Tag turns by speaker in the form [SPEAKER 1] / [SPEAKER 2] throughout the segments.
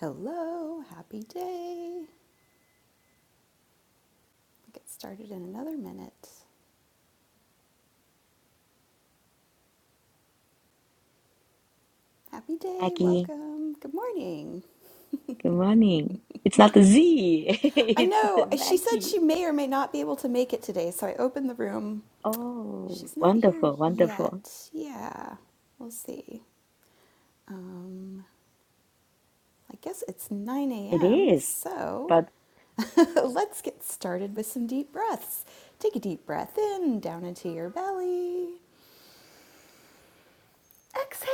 [SPEAKER 1] Hello, happy day. We'll get started in another minute. Happy day,
[SPEAKER 2] Maggie,
[SPEAKER 1] welcome. Good morning.
[SPEAKER 2] good morning. It's not a Z,
[SPEAKER 1] I
[SPEAKER 2] it's
[SPEAKER 1] know she said
[SPEAKER 2] Maggie.
[SPEAKER 1] she may or may not be able to make it today, so I opened the room.
[SPEAKER 2] Oh,
[SPEAKER 1] She's not here
[SPEAKER 2] wonderful, wonderful.
[SPEAKER 1] yet. Yeah, we'll see. Um, I guess it's 9
[SPEAKER 2] It
[SPEAKER 1] a.m.,
[SPEAKER 2] is.
[SPEAKER 1] so
[SPEAKER 2] But
[SPEAKER 1] let's get started with some deep breaths. Take a deep breath in, down into your belly. Exhale.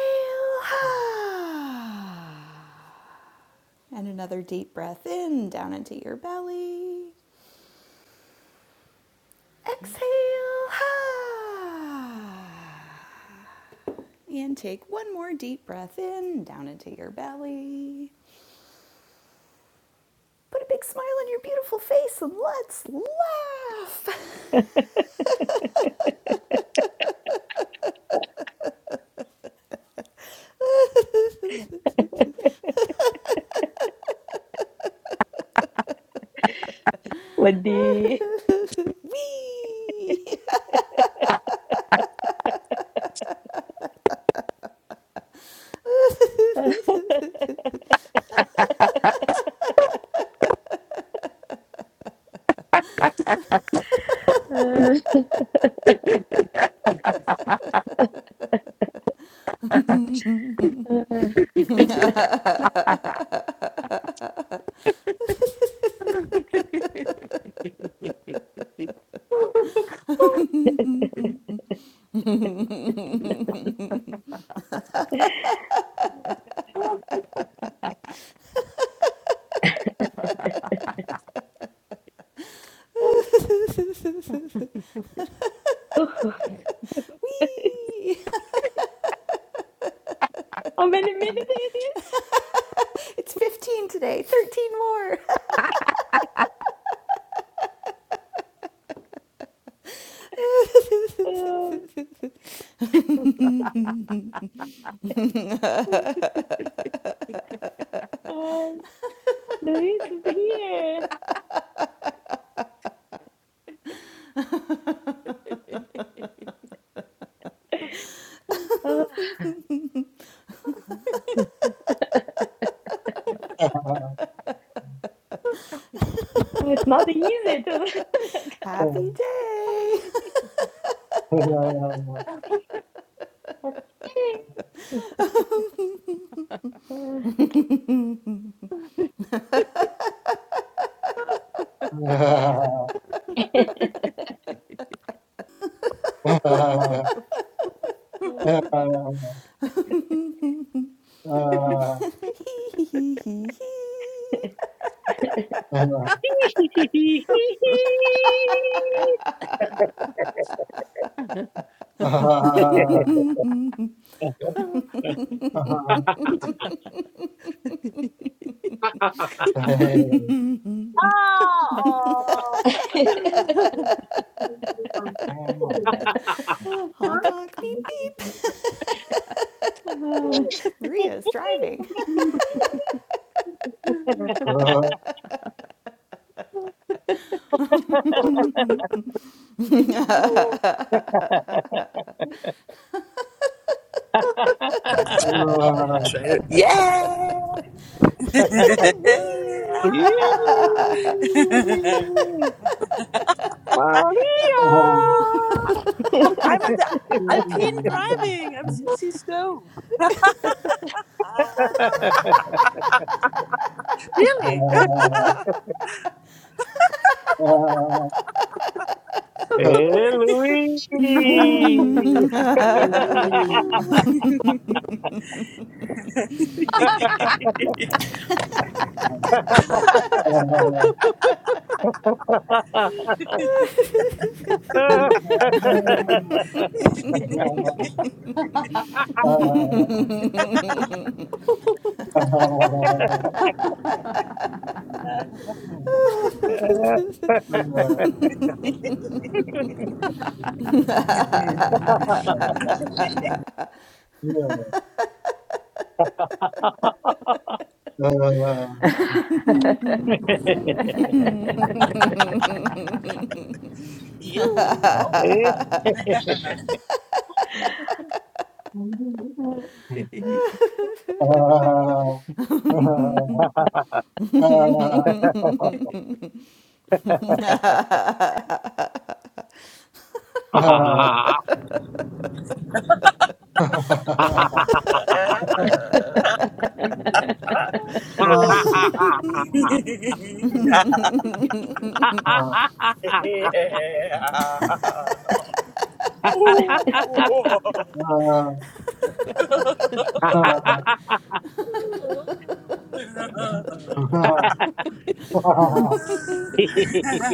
[SPEAKER 1] And another deep breath in, down into your belly. Exhale. And take one more deep breath in, down into your belly. Put a big smile on your beautiful face and let's laugh.
[SPEAKER 2] with the
[SPEAKER 1] Wee!
[SPEAKER 2] uh, uh,
[SPEAKER 1] Wee!
[SPEAKER 2] how many minutes it is?
[SPEAKER 1] It's 15 today, 13 more.
[SPEAKER 2] Uh, uh, Luis is here. Uh,
[SPEAKER 3] Yeah.
[SPEAKER 2] it's not easy to.
[SPEAKER 1] Happy
[SPEAKER 2] But, hey. Uh,
[SPEAKER 1] day.
[SPEAKER 4] oh.
[SPEAKER 1] Honk, honk, beep, beep.
[SPEAKER 2] uh,
[SPEAKER 1] Maria is driving.
[SPEAKER 5] Trader. Yeah. Yoo-hoo.
[SPEAKER 1] Wee!
[SPEAKER 5] I'm in the Alpine driving. I'm s- see snow. Ah,
[SPEAKER 4] Maria!
[SPEAKER 5] really?
[SPEAKER 4] Hey, Luigi!
[SPEAKER 5] you, you, you, you.
[SPEAKER 3] Oh,
[SPEAKER 5] you. Oh. yeah. Ooh.
[SPEAKER 4] Thank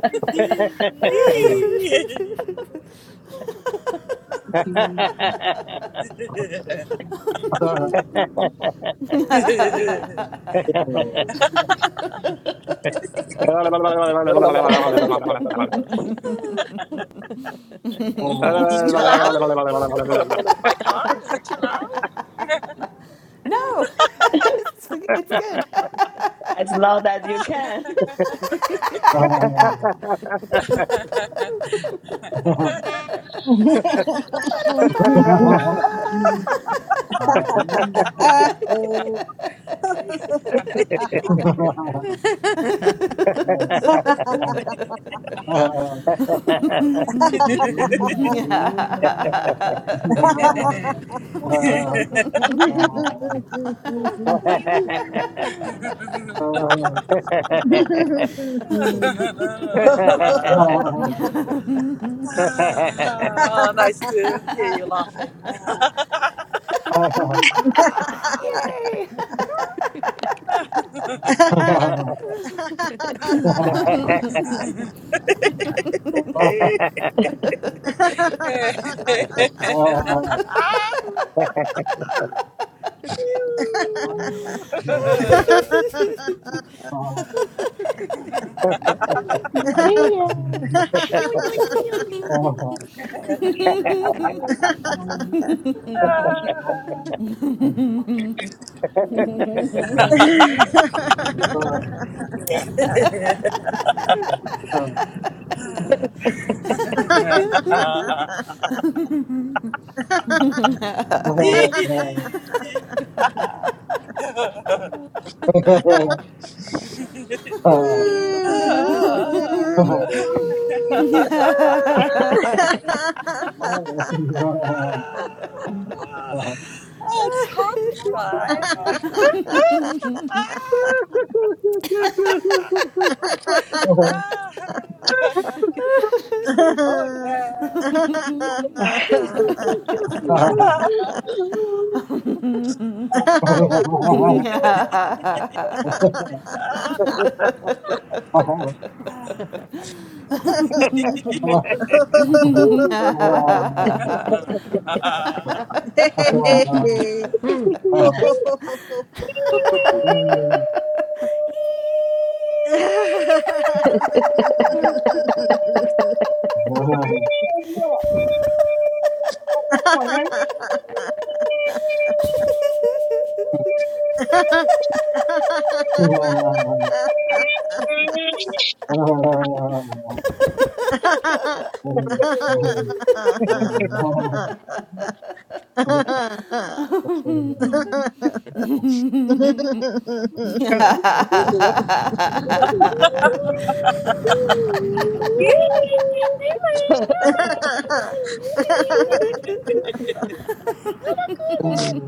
[SPEAKER 5] My car? Is it too loud?
[SPEAKER 1] No, it's, it's good.
[SPEAKER 2] as loud as you can.
[SPEAKER 1] ba
[SPEAKER 6] Oh.
[SPEAKER 3] Oh,
[SPEAKER 5] Ah, nice to hear you laughing. Ah.
[SPEAKER 1] Yay!
[SPEAKER 5] Ah, phew.
[SPEAKER 7] Okay.
[SPEAKER 4] you.
[SPEAKER 2] Maria.
[SPEAKER 5] Yo, yo, yo, yo, yo. Ah. Ah, ah, Oh, it's hard to cry. ah, ah, Oh yeah.
[SPEAKER 3] Oh,
[SPEAKER 5] yeah.
[SPEAKER 6] Ha
[SPEAKER 5] ah.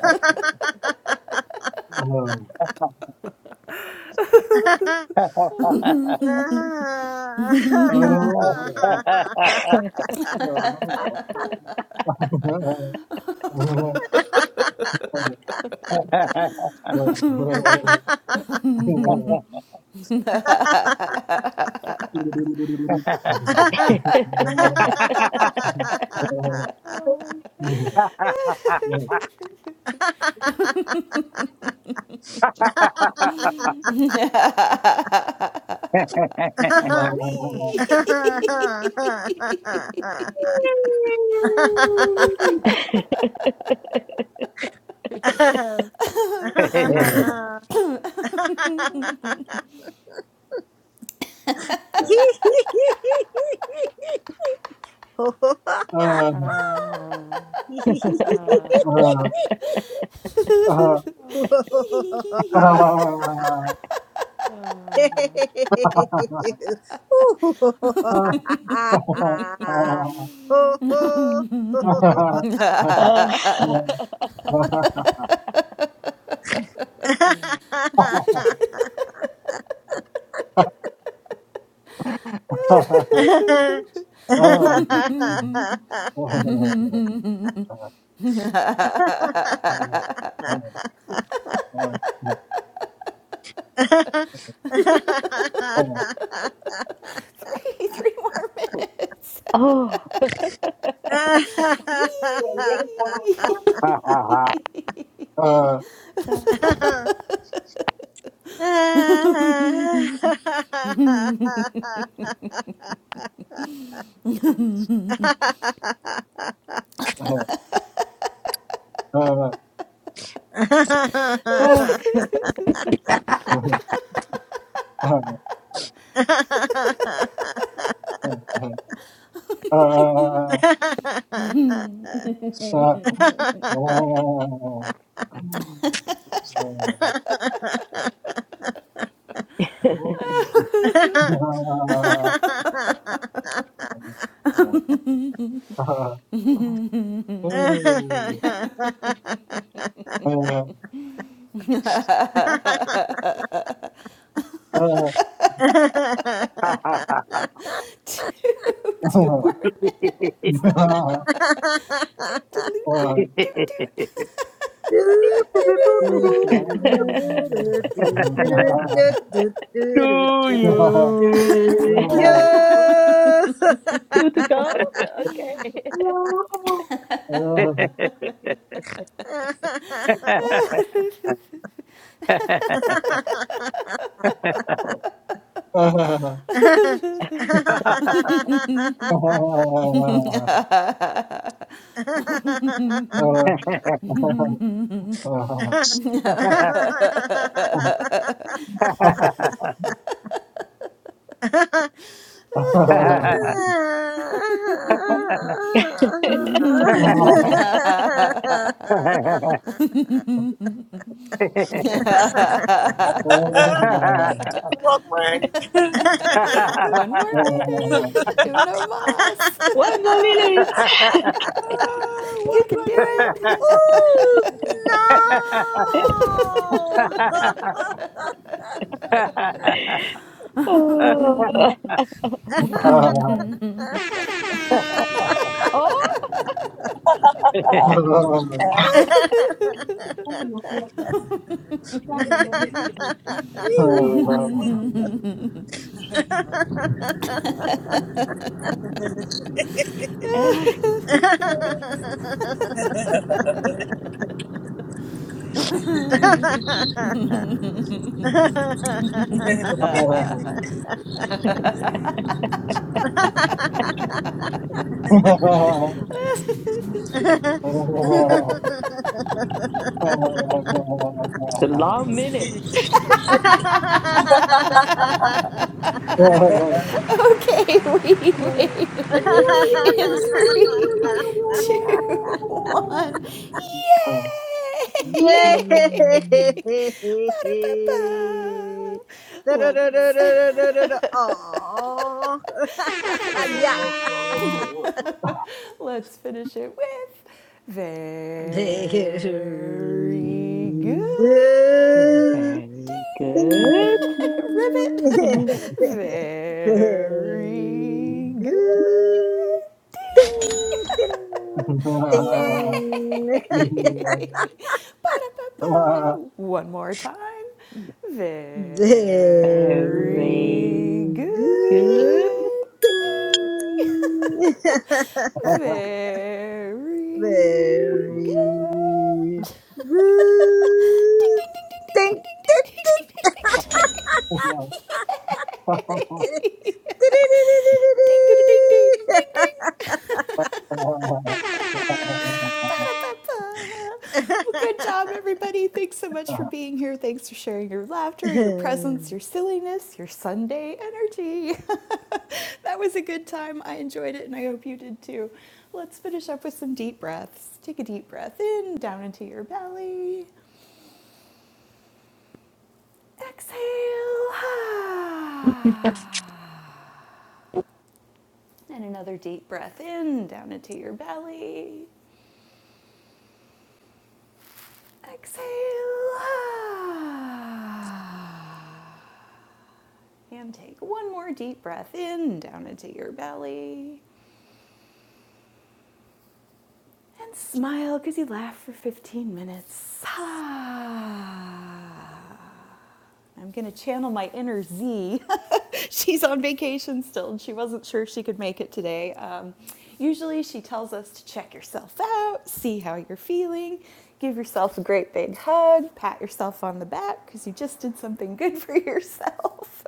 [SPEAKER 6] Ho
[SPEAKER 3] Oh,
[SPEAKER 7] Okay.
[SPEAKER 3] oh, oh, oh,
[SPEAKER 7] Oh my God.
[SPEAKER 1] Wee!
[SPEAKER 7] Ah, ah, ah,
[SPEAKER 6] ho ho
[SPEAKER 7] ah.
[SPEAKER 6] Ooh.
[SPEAKER 1] three,
[SPEAKER 2] oh.
[SPEAKER 3] oh, oh,
[SPEAKER 1] three more minutes.
[SPEAKER 2] Oh.
[SPEAKER 1] Wee!
[SPEAKER 3] Uh, uh, uh, uh,
[SPEAKER 2] Oh.
[SPEAKER 3] uh, uh, uh, uh, uh, uh, uh,
[SPEAKER 1] two, two more minutes. Doot, doot, doot, doot,
[SPEAKER 4] to you.
[SPEAKER 6] Yo!
[SPEAKER 2] Two to go? Okay.
[SPEAKER 3] uh, Thank
[SPEAKER 1] doot. One
[SPEAKER 5] Took the wrong way.
[SPEAKER 1] more minute. Uno mas.
[SPEAKER 2] One more minute.
[SPEAKER 5] ah,
[SPEAKER 1] You
[SPEAKER 5] what,
[SPEAKER 1] can do
[SPEAKER 5] what, what,
[SPEAKER 1] it.
[SPEAKER 5] what, what?
[SPEAKER 6] Oh no!
[SPEAKER 2] Uh, oh, uh, it's
[SPEAKER 6] Yay!
[SPEAKER 2] a long minute.
[SPEAKER 5] Wee.
[SPEAKER 1] Okay, we made it in three, two, one. Yay!
[SPEAKER 2] Yeah.
[SPEAKER 1] Ba-da-ba-ba.
[SPEAKER 6] Da da da da
[SPEAKER 1] Let's
[SPEAKER 6] da da da da. Aww.
[SPEAKER 1] let's
[SPEAKER 6] Yeah.
[SPEAKER 1] Let's finish it with very good. Ding!
[SPEAKER 2] Very good.
[SPEAKER 1] Ribbit.
[SPEAKER 6] Very
[SPEAKER 1] Very good.
[SPEAKER 6] good.
[SPEAKER 1] Ding!
[SPEAKER 6] Very good. Thing.
[SPEAKER 1] Yay! Ba-da-ba-ba. One more time.
[SPEAKER 2] Very
[SPEAKER 1] Very good.
[SPEAKER 2] good.
[SPEAKER 1] Ding. Very good.
[SPEAKER 6] Very
[SPEAKER 1] Ding,
[SPEAKER 6] good.
[SPEAKER 1] ding, ding, ding, ding, ding,
[SPEAKER 6] Thank
[SPEAKER 1] ding, ding, ding, ding, ding, ding, ding. Yay! Ding, ding, ding, ding, ding, ding. Ba-da-ba-ba. Well, good job, everybody. Thanks so much for being here. Thanks for sharing your laughter, your presence, your silliness, your Sunday energy. that was a good time. I enjoyed it, and I hope you did too. Let's finish up with some deep breaths. Take a deep breath in, down into your belly. Exhale.
[SPEAKER 7] ah.
[SPEAKER 1] And another deep breath in, down into your belly. Exhale. Ah. And take one more deep breath in, down into your belly. And smile because you laughed for 15 minutes. Ah. I'm going to channel my inner Z. She's on vacation still, and she wasn't sure she could make it today. Um, usually, she tells us to check yourself out, see how you're feeling, give yourself a great big hug, pat yourself on the back because you just did something good for yourself.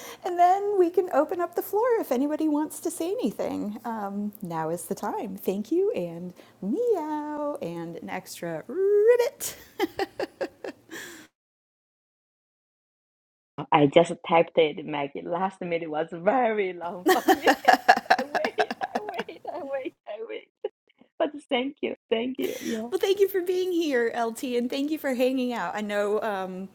[SPEAKER 1] and then we can open up the floor if anybody wants to say anything. Um, now is the time. Thank you, and meow, and an extra ribbit.
[SPEAKER 2] I just typed it, Maggie. Last minute was very long for me. I wait, I wait, I wait, I wait. But thank you, thank you. Yeah.
[SPEAKER 1] Well, thank you for being here, LT, and thank you for hanging out. I know, um,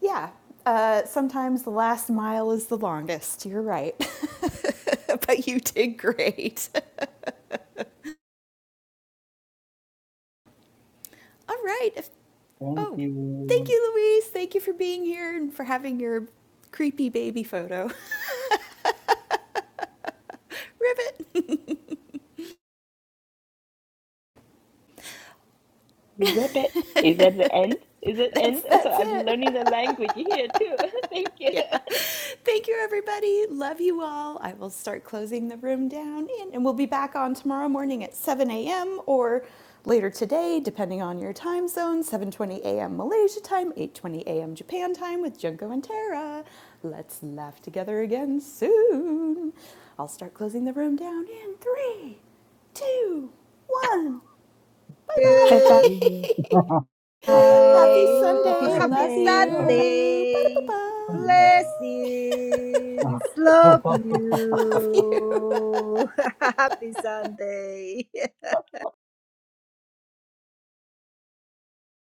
[SPEAKER 1] yeah, uh, sometimes the last mile is the longest. You're right. but you did great. All right. If, oh, thank
[SPEAKER 3] you.
[SPEAKER 1] you, Louise. Thank you for being here and for having your creepy baby photo. Ribbit.
[SPEAKER 2] Rabbit. Is that the end? Is it
[SPEAKER 1] That's
[SPEAKER 2] end? So
[SPEAKER 1] that's
[SPEAKER 2] I'm
[SPEAKER 1] it.
[SPEAKER 2] learning the language here too. thank you.
[SPEAKER 1] Yeah. Thank you, everybody. Love you all. I will start closing the room down, and, and we'll be back on tomorrow morning at 7 a.m. or later today, depending on your time zone. 7:20 a.m. Malaysia time, 8:20 a.m. Japan time with Junko and Tara. Let's laugh together again soon. I'll start closing the room down in three, two, one. Bye
[SPEAKER 2] Bye bye.
[SPEAKER 6] Good.
[SPEAKER 1] bye.
[SPEAKER 3] Breathing.
[SPEAKER 1] Happy
[SPEAKER 2] Hi, happy
[SPEAKER 1] Sunday.
[SPEAKER 6] Happy
[SPEAKER 1] Love
[SPEAKER 2] Sunday. Bye
[SPEAKER 1] you.
[SPEAKER 6] Saturday.
[SPEAKER 1] Ba-da-ba-ba. Ding.
[SPEAKER 6] Blessings. Love
[SPEAKER 3] Uh,
[SPEAKER 1] love you.
[SPEAKER 6] you. Happy Sunday.